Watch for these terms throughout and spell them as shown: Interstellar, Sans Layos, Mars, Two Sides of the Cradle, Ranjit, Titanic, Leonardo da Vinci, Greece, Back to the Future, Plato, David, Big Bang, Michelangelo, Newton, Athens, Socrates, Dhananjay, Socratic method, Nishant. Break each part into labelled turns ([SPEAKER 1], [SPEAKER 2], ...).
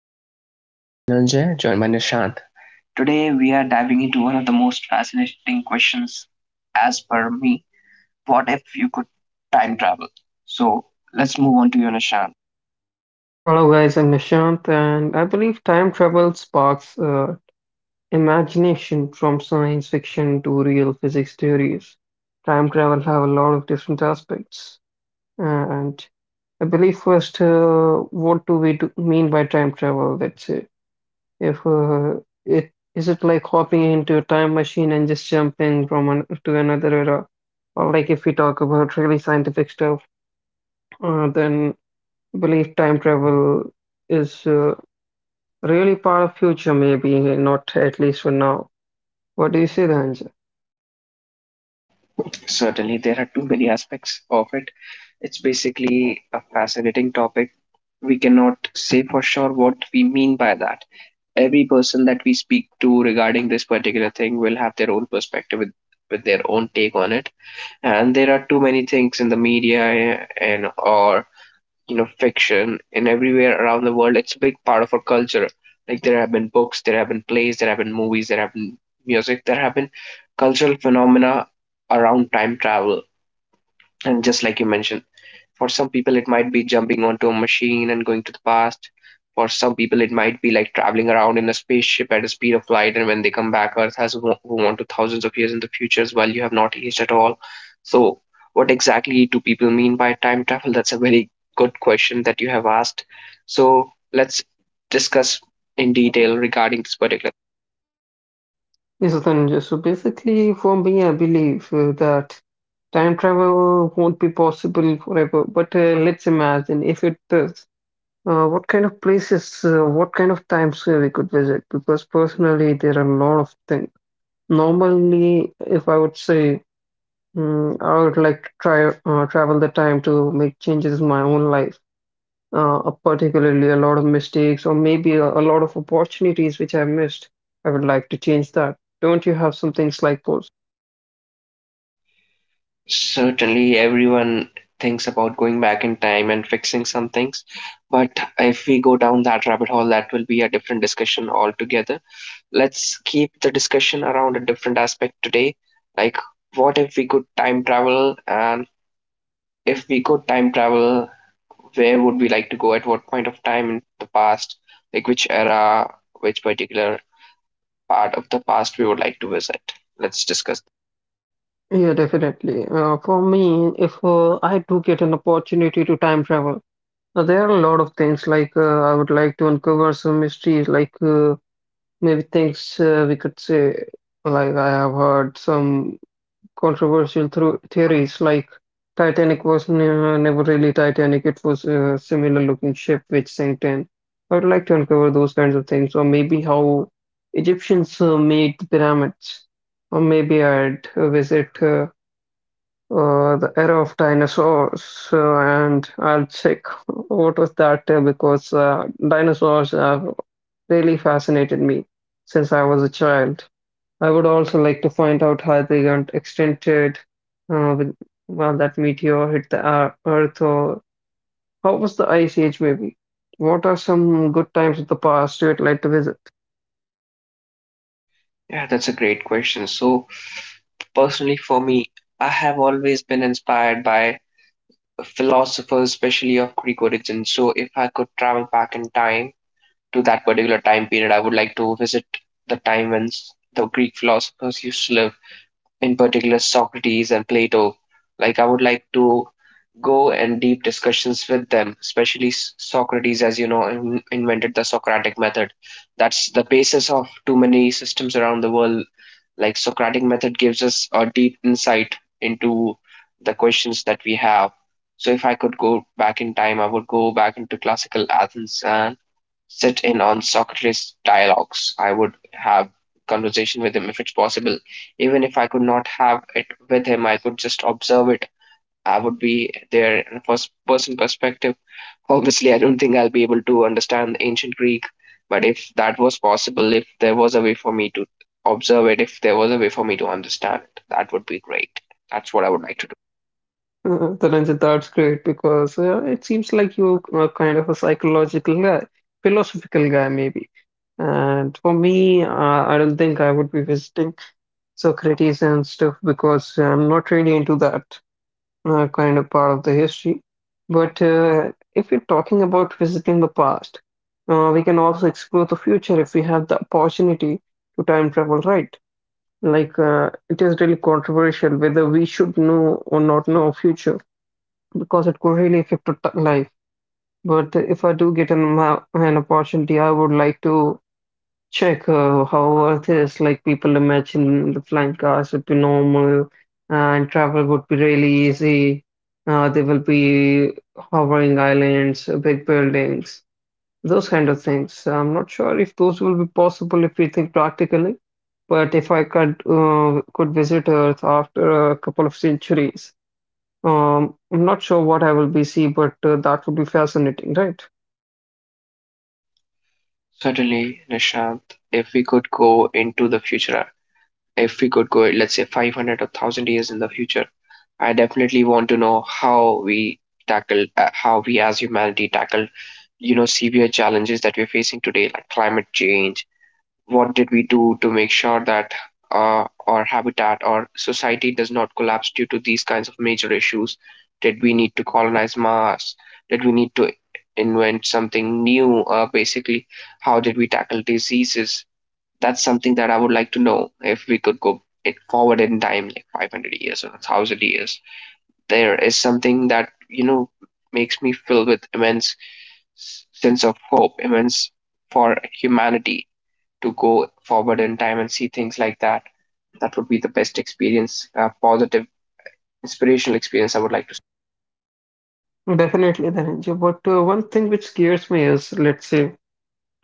[SPEAKER 1] Welcome. I'm Dhananjay, joined by Nishant. Today, we are diving into one of the most fascinating questions, as per me. What if you could time travel? So, let's move on to you, Nishant.
[SPEAKER 2] Hello, guys, I'm Nishant, and I believe time travel sparks imagination from science fiction to real physics theories. Time travel have a lot of different aspects, and I believe first, what do we do mean by time travel? Let's say, if it like hopping into a time machine and just jumping from one to another era, or like if we talk about really scientific stuff, then I believe time travel is really part of future, maybe not at least for now. What do you say, Dhananjay?
[SPEAKER 1] Certainly, there are too many aspects of it. It's basically a fascinating topic. We cannot say for sure what we mean by that. Every person that we speak to regarding this particular thing will have their own perspective with their own take on it. And there are too many things in the media, and or you know, fiction, and everywhere around the world it's a big part of our culture. Like, there have been books, there have been plays, there have been movies, there have been music, there have been cultural phenomena around time travel. And just like you mentioned, for some people, it might be jumping onto a machine and going to the past. For some people, it might be like traveling around in a spaceship at a speed of light, and when they come back, Earth has gone on to thousands of years in the future, while you have not aged at all. So, what exactly do people mean by time travel? That's a very good question that you have asked. So, let's discuss in detail regarding this particular.
[SPEAKER 2] Yes, Dhananjay. So basically, for me, I believe that time travel won't be possible forever. But let's imagine if it does, what kind of places, what kind of times we could visit? Because personally, there are a lot of things. Normally, if I would say, I would like to try travel the time to make changes in my own life, particularly a lot of mistakes or maybe a lot of opportunities which I missed. I would like to change that. Don't you have some things like those?
[SPEAKER 1] Certainly, everyone thinks about going back in time and fixing some things, but if we go down that rabbit hole, that will be a different discussion altogether. Let's keep the discussion around a different aspect today. Like, what if we could time travel? And if we could time travel, where would we like to go? At what point of time in the past? Like, which era, which particular part of the past we would like to visit? Let's discuss.
[SPEAKER 2] Yeah, definitely. For me, if I do get an opportunity to time travel, there are a lot of things like I would like to uncover some mysteries, like maybe things we could say, like I have heard some controversial thro theories like Titanic was ne never really Titanic, it was a similar looking ship which sank in. I would like to uncover those kinds of things, or maybe how Egyptians made the pyramids, or maybe I'd visit the era of dinosaurs and I'll check what was that because dinosaurs have really fascinated me since I was a child. I would also like to find out how the event extended uh, with, well, that meteor hit the Earth, or how was the Ice Age maybe? What are some good times of the past you'd like to visit?
[SPEAKER 1] Yeah, that's a great question. So, personally, for me, I have always been inspired by philosophers, especially of Greek origin. So, if I could travel back in time to that particular time period, I would like to visit the time when the Greek philosophers used to live, in particular Socrates and Plato. Like, I would like to go and deep discussions with them, especially Socrates, as you know, invented the Socratic method. That's the basis of too many systems around the world. Like, Socratic method gives us a deep insight into the questions that we have. So if I could go back in time, I would go back into classical Athens and sit in on Socrates' dialogues. I would have conversation with him if it's possible. Even if I could not have it with him, I could just observe it. I would be there in a first person perspective. Obviously, I don't think I'll be able to understand ancient Greek, but if that was possible, if there was a way for me to observe it, if there was a way for me to understand it, that would be great. That's what I would like to do.
[SPEAKER 2] The Ranjit, that's great because it seems like you are kind of a psychological guy, philosophical guy maybe. And for me, I don't think I would be visiting Socrates and stuff because I'm not really into that kind of part of the history. But if we're talking about visiting the past, we can also explore the future if we have the opportunity to time travel, right? It is really controversial whether we should know or not know future because it could really affect our life. But if I do get an opportunity, I would like to check. How Earth is, like people imagine the flying cars would be normal and travel would be really easy. There will be hovering islands, big buildings, those kind of things. I'm not sure if those will be possible if we think practically, but if I could visit Earth after a couple of centuries, I'm not sure what I will be see, but that would be fascinating, right?
[SPEAKER 1] Certainly, Nishant, if we could go into the future, if we could go, let's say, 500 or 1000 years in the future, I definitely want to know how we how we as humanity tackled, you know, severe challenges that we're facing today, like climate change. What did we do to make sure that our habitat or society does not collapse due to these kinds of major issues? Did we need to colonize Mars? Did we need to invent something new? Basically, how did we tackle diseases? That's something that I would like to know if we could go it forward in time, like 500 years or 1000 years. There is something that, you know, makes me filled with immense sense of hope, immense for humanity to go forward in time and see things like that. That would be the best experience, a positive, inspirational experience I would like to
[SPEAKER 2] Definitely, Dhananjay. But one thing which scares me is, let's say,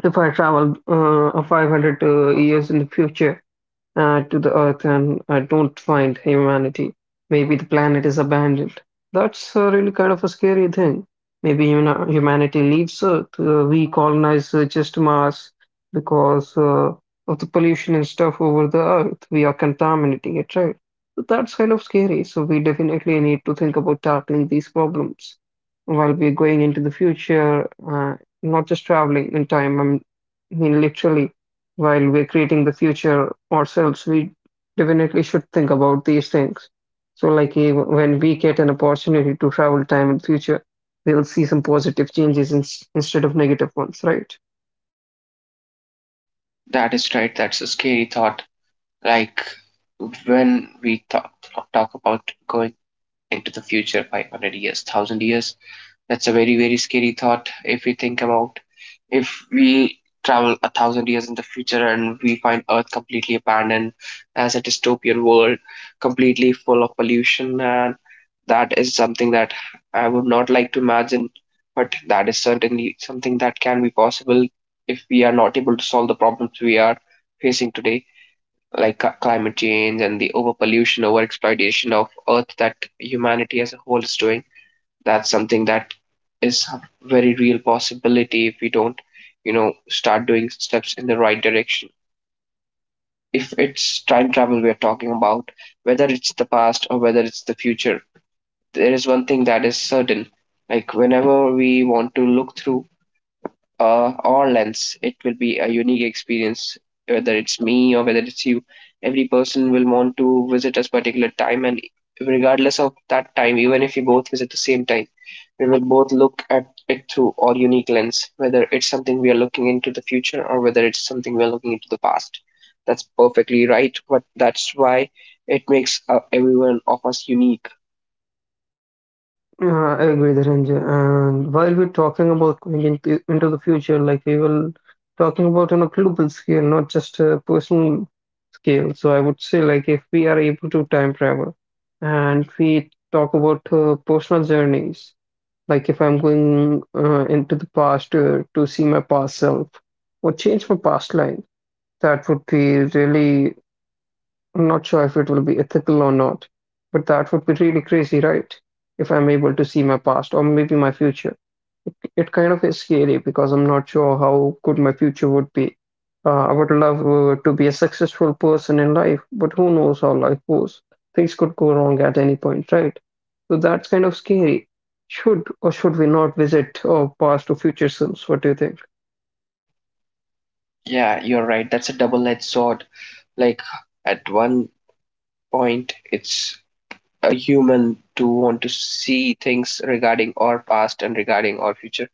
[SPEAKER 2] if I travel 500 years in the future, to the earth and don't find humanity. Maybe the planet is abandoned. That's really kind of a scary thing. Maybe you know, humanity leaves Earth. We colonize just Mars because of the pollution and stuff over the Earth. We are contaminating it, right? So that's kind of scary. So we definitely need to think about tackling these problems while we're going into the future, not just traveling in time. I mean, literally while we're creating the future ourselves, we definitely should think about these things. So, like, even when we get an opportunity to travel time in future, we will see some positive changes in, instead of negative ones, right?
[SPEAKER 1] see. That is right. That's a scary thought. Like, when we talk about going into the future, 500 years, 1000 years, that's a very, very scary thought. If we think about if we travel a thousand years in the future and we find Earth completely abandoned as a dystopian world, completely full of pollution and that is something that I would not like to imagine, but that is certainly something that can be possible if we are not able to solve the problems we are facing today, like climate change and the overpollution, overexploitation of Earth that humanity as a whole is doing. That's something that is a very real possibility if we don't, you know, start doing steps in the right direction. If it's time travel we are talking about, whether it's the past or whether it's the future, there is one thing that is certain. Like, whenever we want to look through our lens, it will be a unique experience, whether it's me or whether it's you. Every person will want to visit a particular time, and regardless of that time, even if we both visit the same time, we will both look at it through our unique lens, whether it's something we are looking into the future or whether it's something we are looking into the past. That's perfectly right, but that's why it makes everyone of us unique.
[SPEAKER 2] Uh, I agree, Dhananjay. And while we're talking about going into the future, like we will talking about on a global scale, not just a personal scale. So I would say, like, if we are able to time travel and we talk about personal journeys, like if I'm going into the past to see my past self or change my past life, that would be really, I'm not sure if it will be ethical or not, but that would be really crazy, right? If I'm able to see my past or maybe my future. It kind of is scary because I'm not sure how good my future would be. I would love to be a successful person in life, but who knows how life goes? Things could go wrong at any point, right? So that's kind of scary. Should or should we not visit our past or future selves? What do you think?
[SPEAKER 1] Yeah, you're right. That's a double-edged sword. Like, at one point, it's a human to want to see things regarding our past and regarding our future.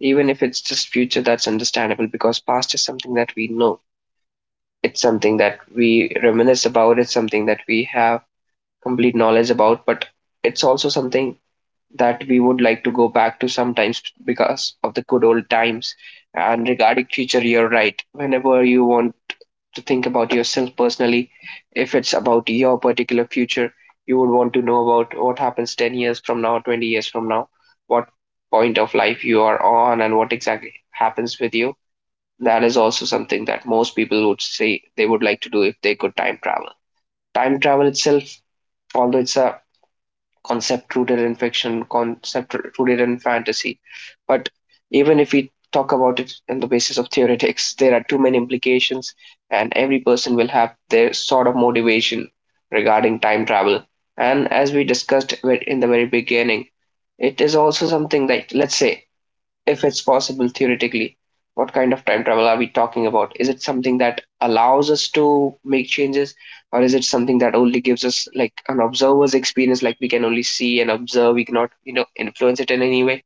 [SPEAKER 1] Even if it's just future, that's understandable, because past is something that we know. It's something that we reminisce about. It's something that we have complete knowledge about. But it's also something that we would like to go back to sometimes because of the good old times. And regarding future, you're right. Whenever you want to think about yourself personally, if it's about your particular future, you would want to know about what happens 10 years from now, 20 years from now, what point of life you are on, and what exactly happens with you. That is also something that most people would say they would like to do if they could time travel. Time travel itself, although it's a concept rooted in fiction, concept rooted in fantasy. But even if we talk about it on the basis of theoretics, there are too many implications, and every person will have their sort of motivation regarding time travel. And as we discussed in the very beginning, it is also something that, let's say, if it's possible theoretically, what kind of time travel are we talking about? Is it something that allows us to make changes, or is it something that only gives us like an observer's experience, like we can only see and observe, we cannot, you know, influence it in any way?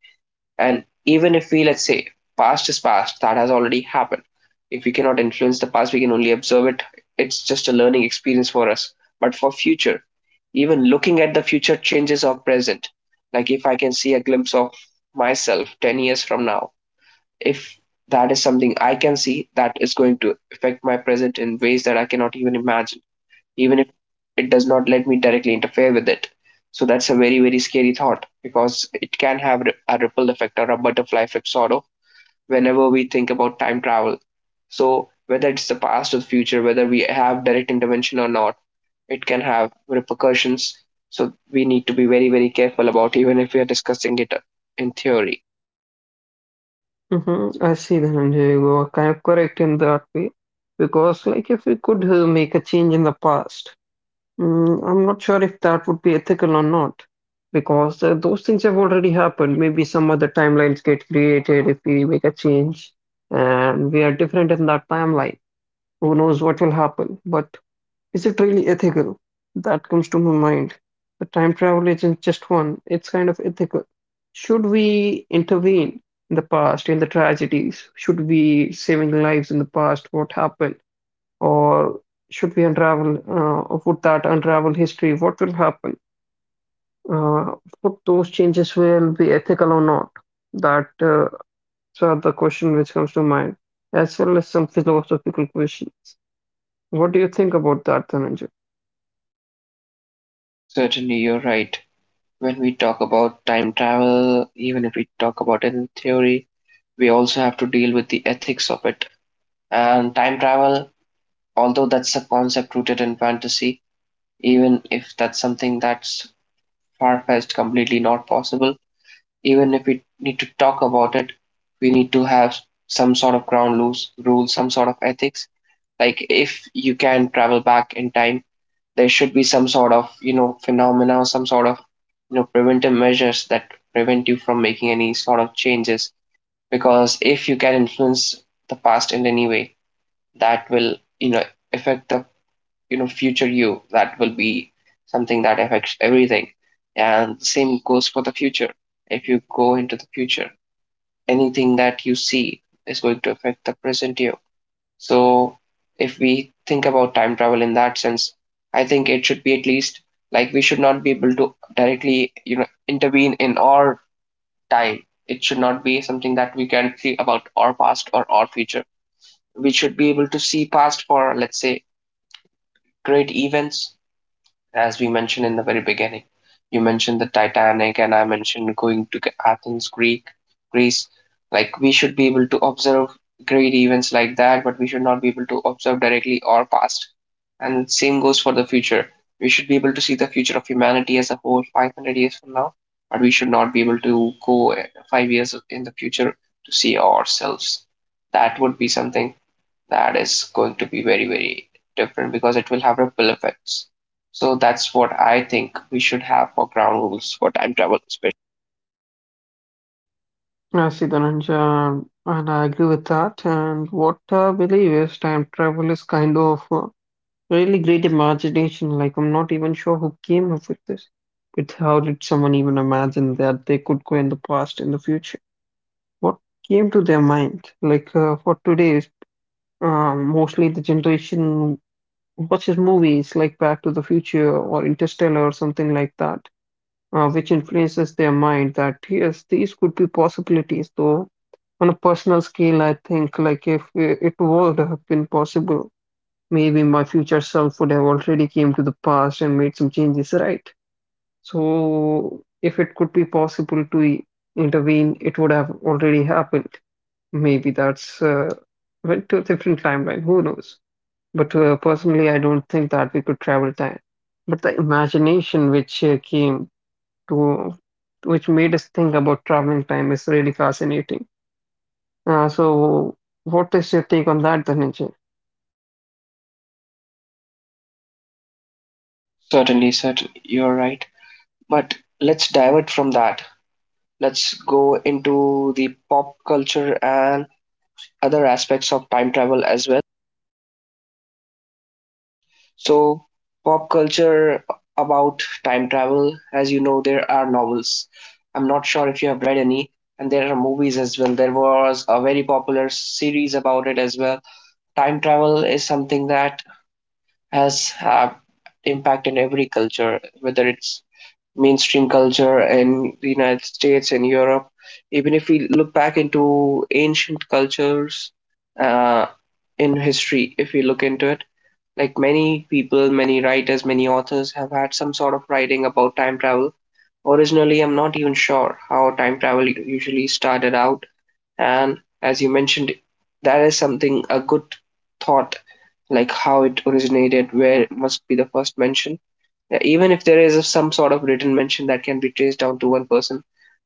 [SPEAKER 1] And even if we, let's say, past is past, that has already happened. If we cannot influence the past, we can only observe it. It's just a learning experience for us. But for future, even looking at the future changes our present. Like, if I can see a glimpse of myself 10 years from now, if that is something I can see, that is going to affect my present in ways that I cannot even imagine, even if it does not let me directly interfere with it. So that's a very, very scary thought, because it can have a ripple effect or a butterfly effect sort of whenever we think about time travel. So whether it's the past or the future, whether we have direct intervention or not, it can have repercussions. So we need to be very, very careful about even if we are discussing it in theory.
[SPEAKER 2] I see that, Anjay. You are kind of correct in that way. Because, like, if we could make a change in the past, I'm not sure if that would be ethical or not, because those things have already happened. Maybe some other timelines get created if we make a change, and we are different in that timeline. Who knows what will happen? But is it really ethical? That comes to my mind. The time travel isn't just one, it's kind of ethical. Should we intervene in the past, in the tragedies? Should we saving lives in the past? What happened? Or should we unravel or would that unravel history, what will happen, uh, would those changes will be ethical or not, that are the question which comes to mind, as well as some philosophical questions. What do you think about that, Dhananjay?
[SPEAKER 1] Certainly, you're right. When we talk about time travel, even if we talk about it in theory, we also have to deal with the ethics of it. And time travel, although that's a concept rooted in fantasy, even if that's something that's far fetched, completely not possible, even if we need to talk about it, we need to have some sort of ground rules, some sort of ethics. Like, if you can travel back in time, there should be some sort of, you know, phenomena, some sort of, you know, preventive measures that prevent you from making any sort of changes. Because if you can influence the past in any way, that will, you know, affect the, you know, future you. That will be something that affects everything. And the same goes for the future. If you go into the future, anything that you see is going to affect the present you. So if we think about time travel in that sense, I think it should be at least like we should not be able to directly, you know, intervene in our time. It should not be something that we can see about our past or our future. We should be able to see past for, let's say, great events as we mentioned in the very beginning. You mentioned the Titanic, and I mentioned going to Athens, Greece. Like, we should be able to observe great events like that, but we should not be able to observe directly our past. And same goes for the future. We should be able to see the future of humanity as a whole 500 years from now, but we should not be able to go 5 years in the future to see ourselves. That would be something that is going to be very, very different because it will have ripple effects. So that's what I think we should have for ground rules for time travel.
[SPEAKER 2] I see, Dhananjay, and I agree with that. And what I believe is time travel is kind of really great imagination. Like, I'm not even sure who came up with this. But how did someone even imagine that they could go in the past, in the future? What came to their mind? Like, for today, mostly the generation watches movies like Back to the Future or Interstellar or something like that, which influences their mind that, yes, these could be possibilities. Though, on a personal scale, I think, like, if it would have been possible, maybe my future self would have already came to the past and made some changes, right? So if it could be possible to intervene, it would have already happened. Maybe that's went to a different timeline, who knows? But personally, I don't think that we could travel time. But the imagination which to, which made us think about traveling time is really fascinating. So, what is your take on that, Dhananjay?
[SPEAKER 1] Certainly, you're right, but let's divert from that. Let's go into the pop culture and other aspects of time travel as well. So, pop culture about time travel. As you know, there are novels. I'm not sure if you have read any, and there are movies as well. There was a very popular series about it as well. Time travel is something that has impact in every culture, whether it's mainstream culture in the United States and Europe. Even if we look back into ancient cultures uh, in history, if we look into it, like, many people, many writers, many authors have had some sort of writing about time travel. Originally, I'm not even sure how time travel usually started out. And as you mentioned, that is something a good thought, like how it originated, where it must be the first mention. Yeah, even if there is some sort of written mention that can be traced down to one person,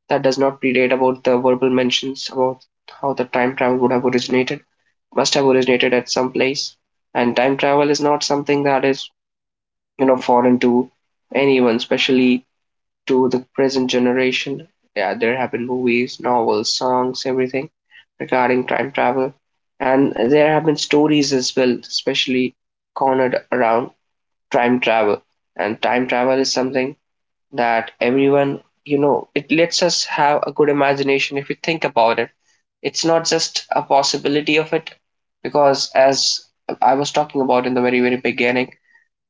[SPEAKER 1] that does not predate about the verbal mentions about how the time travel would have originated, must have originated at some place. And time travel is not something that is, you know, foreign to anyone, especially to the present generation. Yeah, there have been movies, novels, songs, everything regarding time travel. And there have been stories as well, especially cornered around time travel. And time travel is something that everyone, you know, it lets us have a good imagination if we think about it. It's not just a possibility of it, because as I was talking about in the very, very beginning,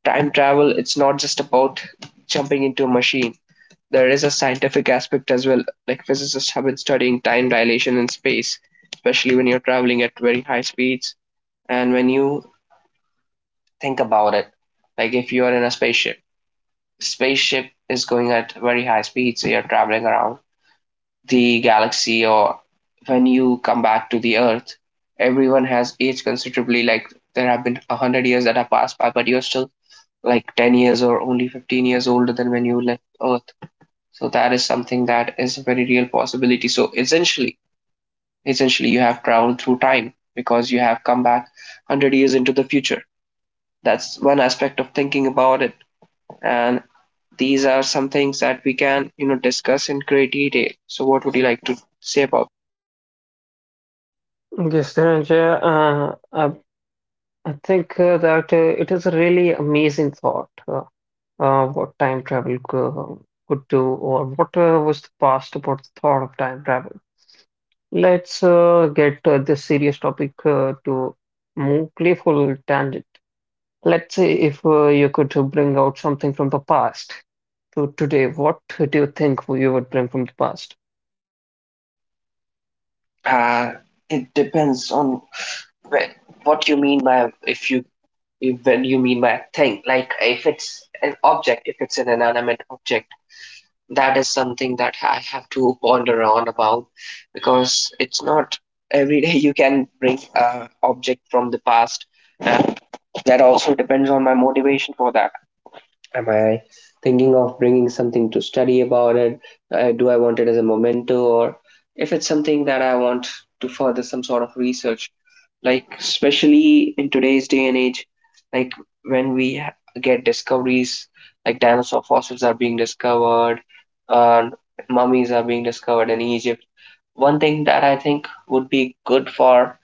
[SPEAKER 1] time travel, it's not just about jumping into a machine. There is a scientific aspect as well. Like, physicists have been studying time dilation in space, especially when you're traveling at very high speeds. And when you think about it, like, if you are in a spaceship, spaceship is going at very high speeds, so you're traveling around the galaxy, or when you come back to the Earth, everyone has aged considerably. Like, there have been 100 years that have passed by, but you're still like 10 years or only 15 years older than when you left Earth. So that is something that is a very real possibility. So essentially you have traveled through time because you have come back 100 years into the future. That's one aspect of thinking about it. And these are some things that we can, you know, discuss in great detail. So what would you like to say about
[SPEAKER 2] Yes, Dhananjay, I think that it is a really amazing thought, what time could do, or what was the past about the thought of time travel. Let's get this serious topic to more playful tangent. Let's say if you could bring out something from the past to today, what do you think you would bring from the past?
[SPEAKER 1] it? It depends on what you mean by if you if when you mean by thing. Like, if it's an object, if it's an inanimate object. That is something that I have to ponder on about, because it's not every day you can bring a object from the past. That also depends on my motivation for that. Am I thinking of bringing something to study about it? Do I want it as a memento, or if it's something that I want to further some sort of research? Like, especially in today's day and age, like, when we get discoveries, like dinosaur fossils are being discovered, and mummies are being discovered in Egypt. One thing that I think would be good for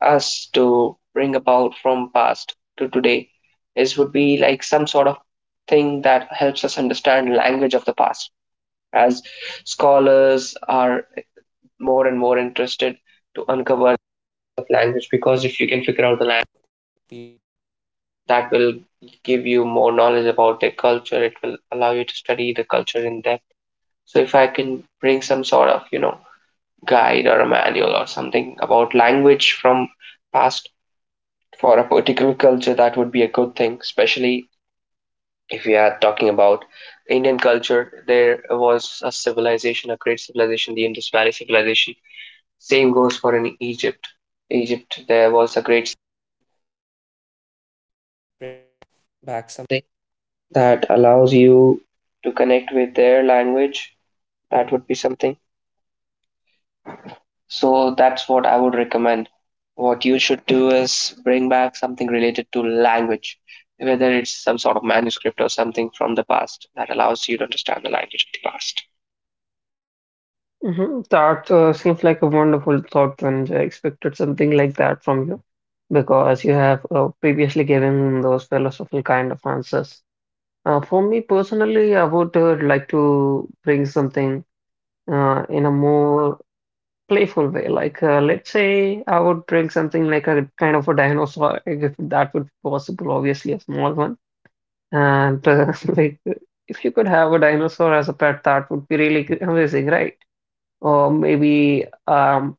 [SPEAKER 1] us to bring about from past to today is would be like some sort of thing that helps us understand language of the past as scholars are more and more. That would be something. So that's what I would recommend. What you should do is bring back something related to language, whether it's some sort of manuscript or something from the past that allows you to understand the language of the past.
[SPEAKER 2] Mhm. That seems like a wonderful thought when I expected something like that from you, because you have previously given those philosophical kind of answers. For me personally, I would like to bring something in a more playful way. Like, let's say I would bring something like a kind of a dinosaur, if that would be possible, obviously, a small one. And like, if you could have a dinosaur as a pet, that would be really amazing, right? Or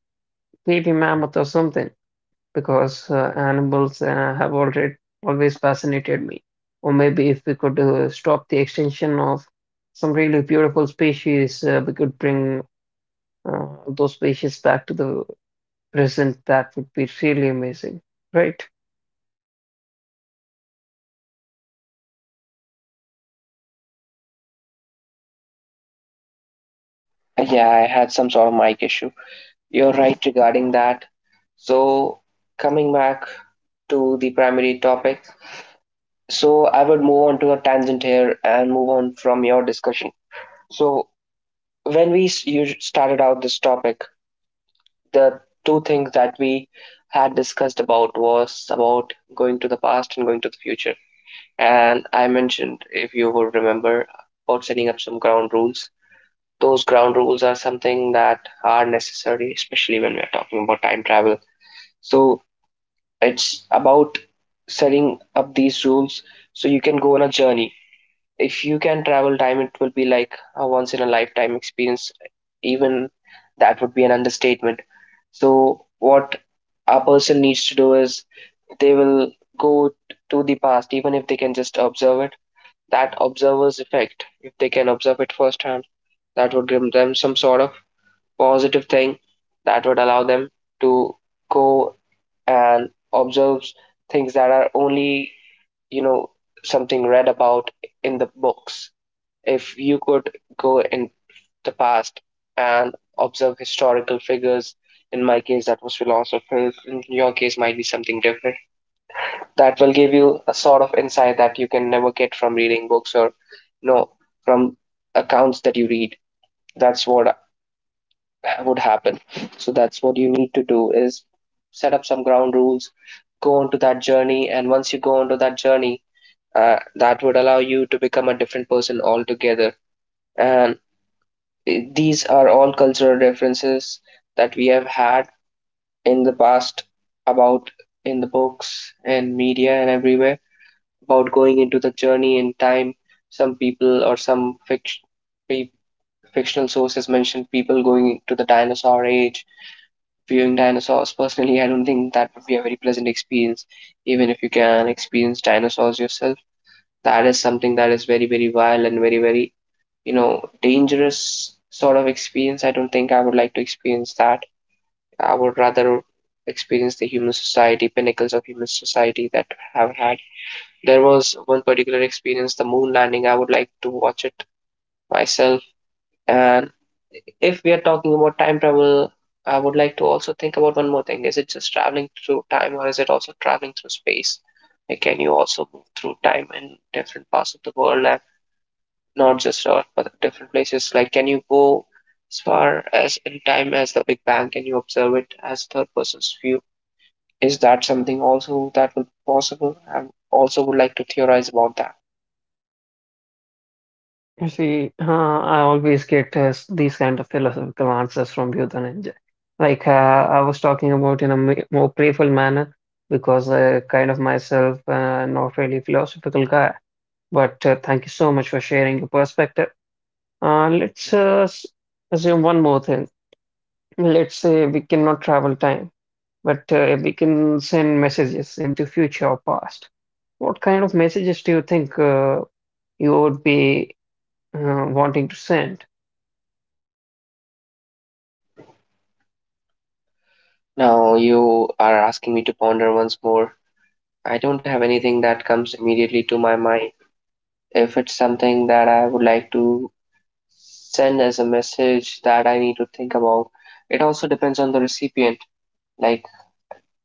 [SPEAKER 2] maybe mammoth or something, because animals have already always fascinated me. Or maybe if we could stop the extinction of some really beautiful species, we could bring those species back to the present. That would be really amazing, right?
[SPEAKER 1] Yeah, I had some sort of mic issue. You're right regarding that. So, coming back to the primary topic, so I would move on to a tangent here and move on from your discussion. So when you started out this topic, the two things that we had discussed about was about going to the past and going to the future. And I mentioned, if you would remember, about setting up some ground rules. Those ground rules are something that are necessary, especially when we are talking about time travel. So it's about setting up these rules so you can go on a journey. If you can travel time, it will be like a once in a lifetime experience. Even that would be an understatement. So, what a person needs to do is they will go to the past, even if they can just observe it. That observer's effect, if they can observe it firsthand, that would give them some sort of positive thing that would allow them to go and observe things that are only, you know, something read about in the books. If you could go in the past and observe historical figures, in my case that was philosophers, in your case might be something different. That will give you a sort of insight that you can never get from reading books or, you know, from accounts that you read. That's what would happen. So that's what you need to do is set up some ground rules, go onto that journey, and once you go onto that journey, that would allow you to become a different person altogether. And these are all cultural references that we have had in the past about in the books and media and everywhere about going into the journey in time. Some people or some fiction, Fictional sources mentioned people going to the dinosaur age, viewing dinosaurs. Personally, I don't think that would be a very pleasant experience, even if you can experience dinosaurs yourself. That is something that is very, very vile and very, very, you know, dangerous sort of experience. I don't think I would like to experience that. I would rather experience the human society, pinnacles of human society that I have had. There was one particular experience, the moon landing. I would like to watch it myself. And if we are talking about time travel, I would like to also think about one more thing. Is it just traveling through time or is it also traveling through space? Like, can you also move through time in different parts of the world and not just Earth, but different places. Like, can you go as far as in time as the Big Bang? Can you observe it as third person's view? Is that something also that will be possible? I also would like to theorize about that.
[SPEAKER 2] You see, I always get these kind of philosophical answers from you, Dhananjay. Like uh, I was talking about in a more playful manner because I kind of myself not really philosophical guy. But thank you so much for sharing your perspective. Let's assume one more thing. Let's say we cannot travel time, but we can send messages into future or past. What kind of messages do you think you would be wanting to send?
[SPEAKER 1] Now, you are asking me to ponder once more. I don't have anything that comes immediately to my mind. If it's something that I would like to send as a message that I need to think about, it also depends on the recipient. Like,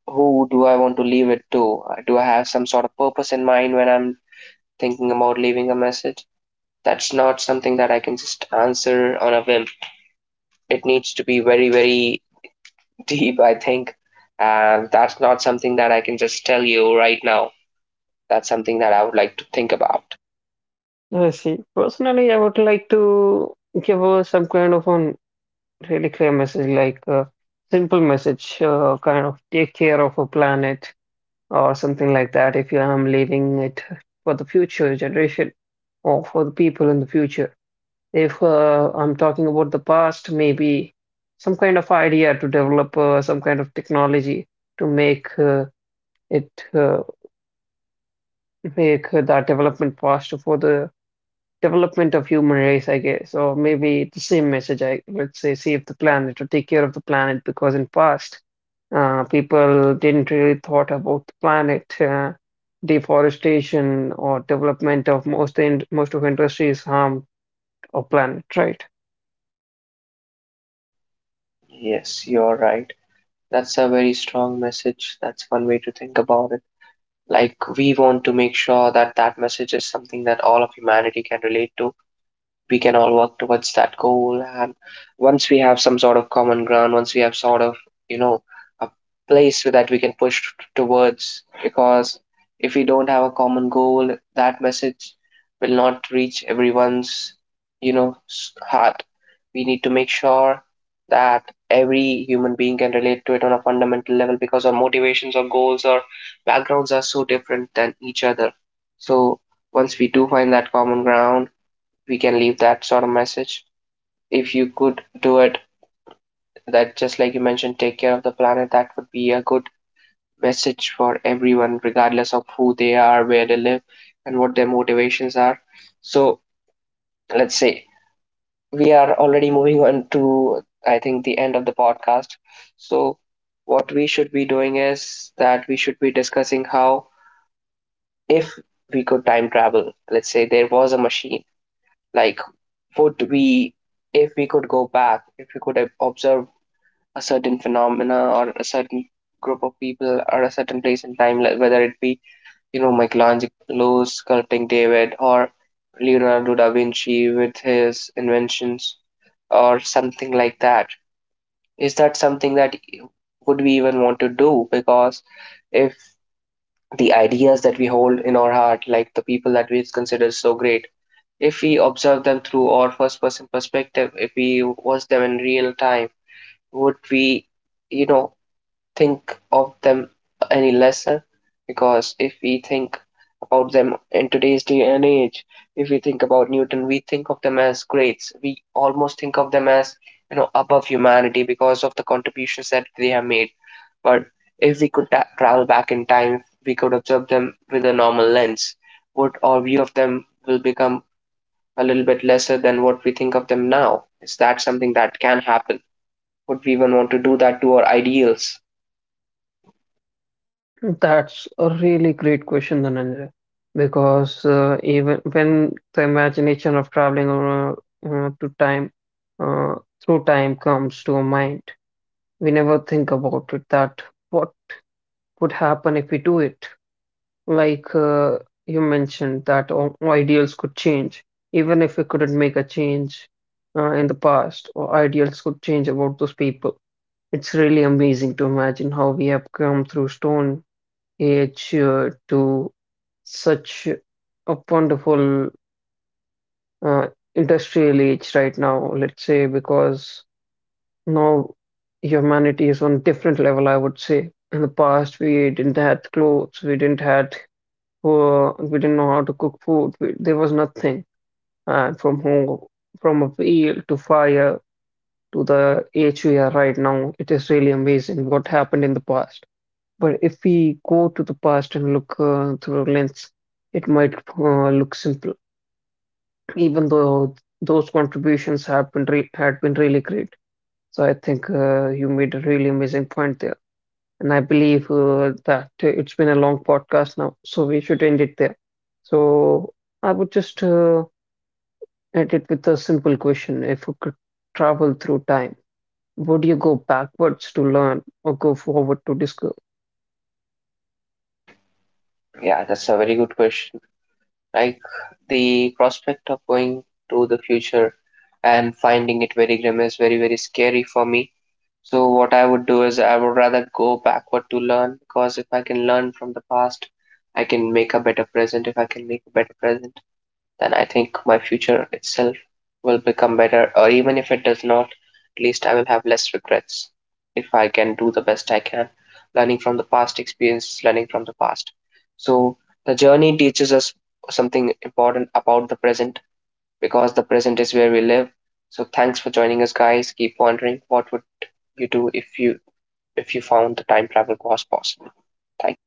[SPEAKER 1] who do I want to leave it to? Do I have some sort of purpose in mind when I'm thinking about leaving a message? That's not something that I can just answer on a whim. It needs to be very, very deep, I think. And that's not something that I can just tell you right now. That's something that I would like to think about.
[SPEAKER 2] I see. Personally, I would like to give some kind of an really clear message, like a simple message, kind of take care of a planet or something like that if you am leaving it for the future generation or for the people in the future. If I'm talking about the past, maybe some kind of idea to develop some kind of technology to make it make that development faster for the development of human race, I guess, or maybe the same message. I would say save the planet or take care of the planet because in past, people didn't really thought about the planet. Deforestation or development of most of industries harmed our planet, right?
[SPEAKER 1] Yes, you're right. That's a very strong message. That's one way to think about it. Like, we want to make sure that that message is something that all of humanity can relate to. We can all work towards that goal. And once we have some sort of common ground, once we have sort of, you know, a place so that we can push towards, because if we don't have a common goal, that message will not reach everyone's heart. We need to make sure that every human being can relate to it on a fundamental level, because our motivations or goals or backgrounds are so different than each other. So once we do find that common ground, we can leave that sort of message. If you could do it, that, just like you mentioned, take care of the planet, that would be a good message for everyone, regardless of who they are, where they live, and what their motivations are. So let's say we are already moving on to, I think, the end of the podcast. So what we should be doing is that we should be discussing how, if we could time travel, let's say there was a machine, like, would we, if we could go back, if we could observe a certain phenomena or a certain group of people or a certain place in time, like whether it be, you know, Michelangelo sculpting David or Leonardo da Vinci with his inventions or something like that. Is that something that would we even want to do? Because if the ideas that we hold in our heart, like the people that we consider so great, if we observe them through our first person perspective, if we watch them in real time, would we, you know, think of them any lesser? Because if we think about them in today's day and age, if we think about Newton, we think of them as greats. We almost think of them as, you know, above humanity because of the contributions that they have made. But if we could travel back in time, we could observe them with a normal lens. Would our view of them will become a little bit lesser than what we think of them now? Is that something that can happen? Would we even want to do that to our ideals?
[SPEAKER 2] That's a really great question, Dhananjay, because even when the imagination of traveling over, to time uh, through time comes to our mind, we never think about it that what would happen if we do it. like uh, you mentioned that ideals could change, even if we couldn't make a change in the past, or ideals could change about those people. It's really amazing to imagine how we have come through stone age to such a wonderful uh, industrial age right now, let's say, because now humanity is on different level, I would say. In the past, we didn't had clothes, we didn't had we didn't know how to cook food. There was nothing. And from home, from a wheel to fire to the age we are right now, it is really amazing what happened in the past. But if we go to the past and look through a lens, it might look simple, even though those contributions have had been really great. So I think you made a really amazing point there. And I believe that it's been a long podcast now, so we should end it there. So I would just end it with a simple question. If you could travel through time, would you go backwards to learn or go forward to discover?
[SPEAKER 1] Yeah, that's a very good question. Like, the prospect of going to the future and finding it very grim is very, very scary for me. So what I would do is I would rather go backward to learn, because if I can learn from the past, I can make a better present. If I can make a better present, then I think my future itself will become better, or even if it does not, at least I will have less regrets if I can do the best I can, learning from the past experiences, learning from the past. So the journey teaches us something important about the present, because the present is where we live. So thanks for joining us, guys. Keep wondering what would you do if you found the time travel was possible. Thank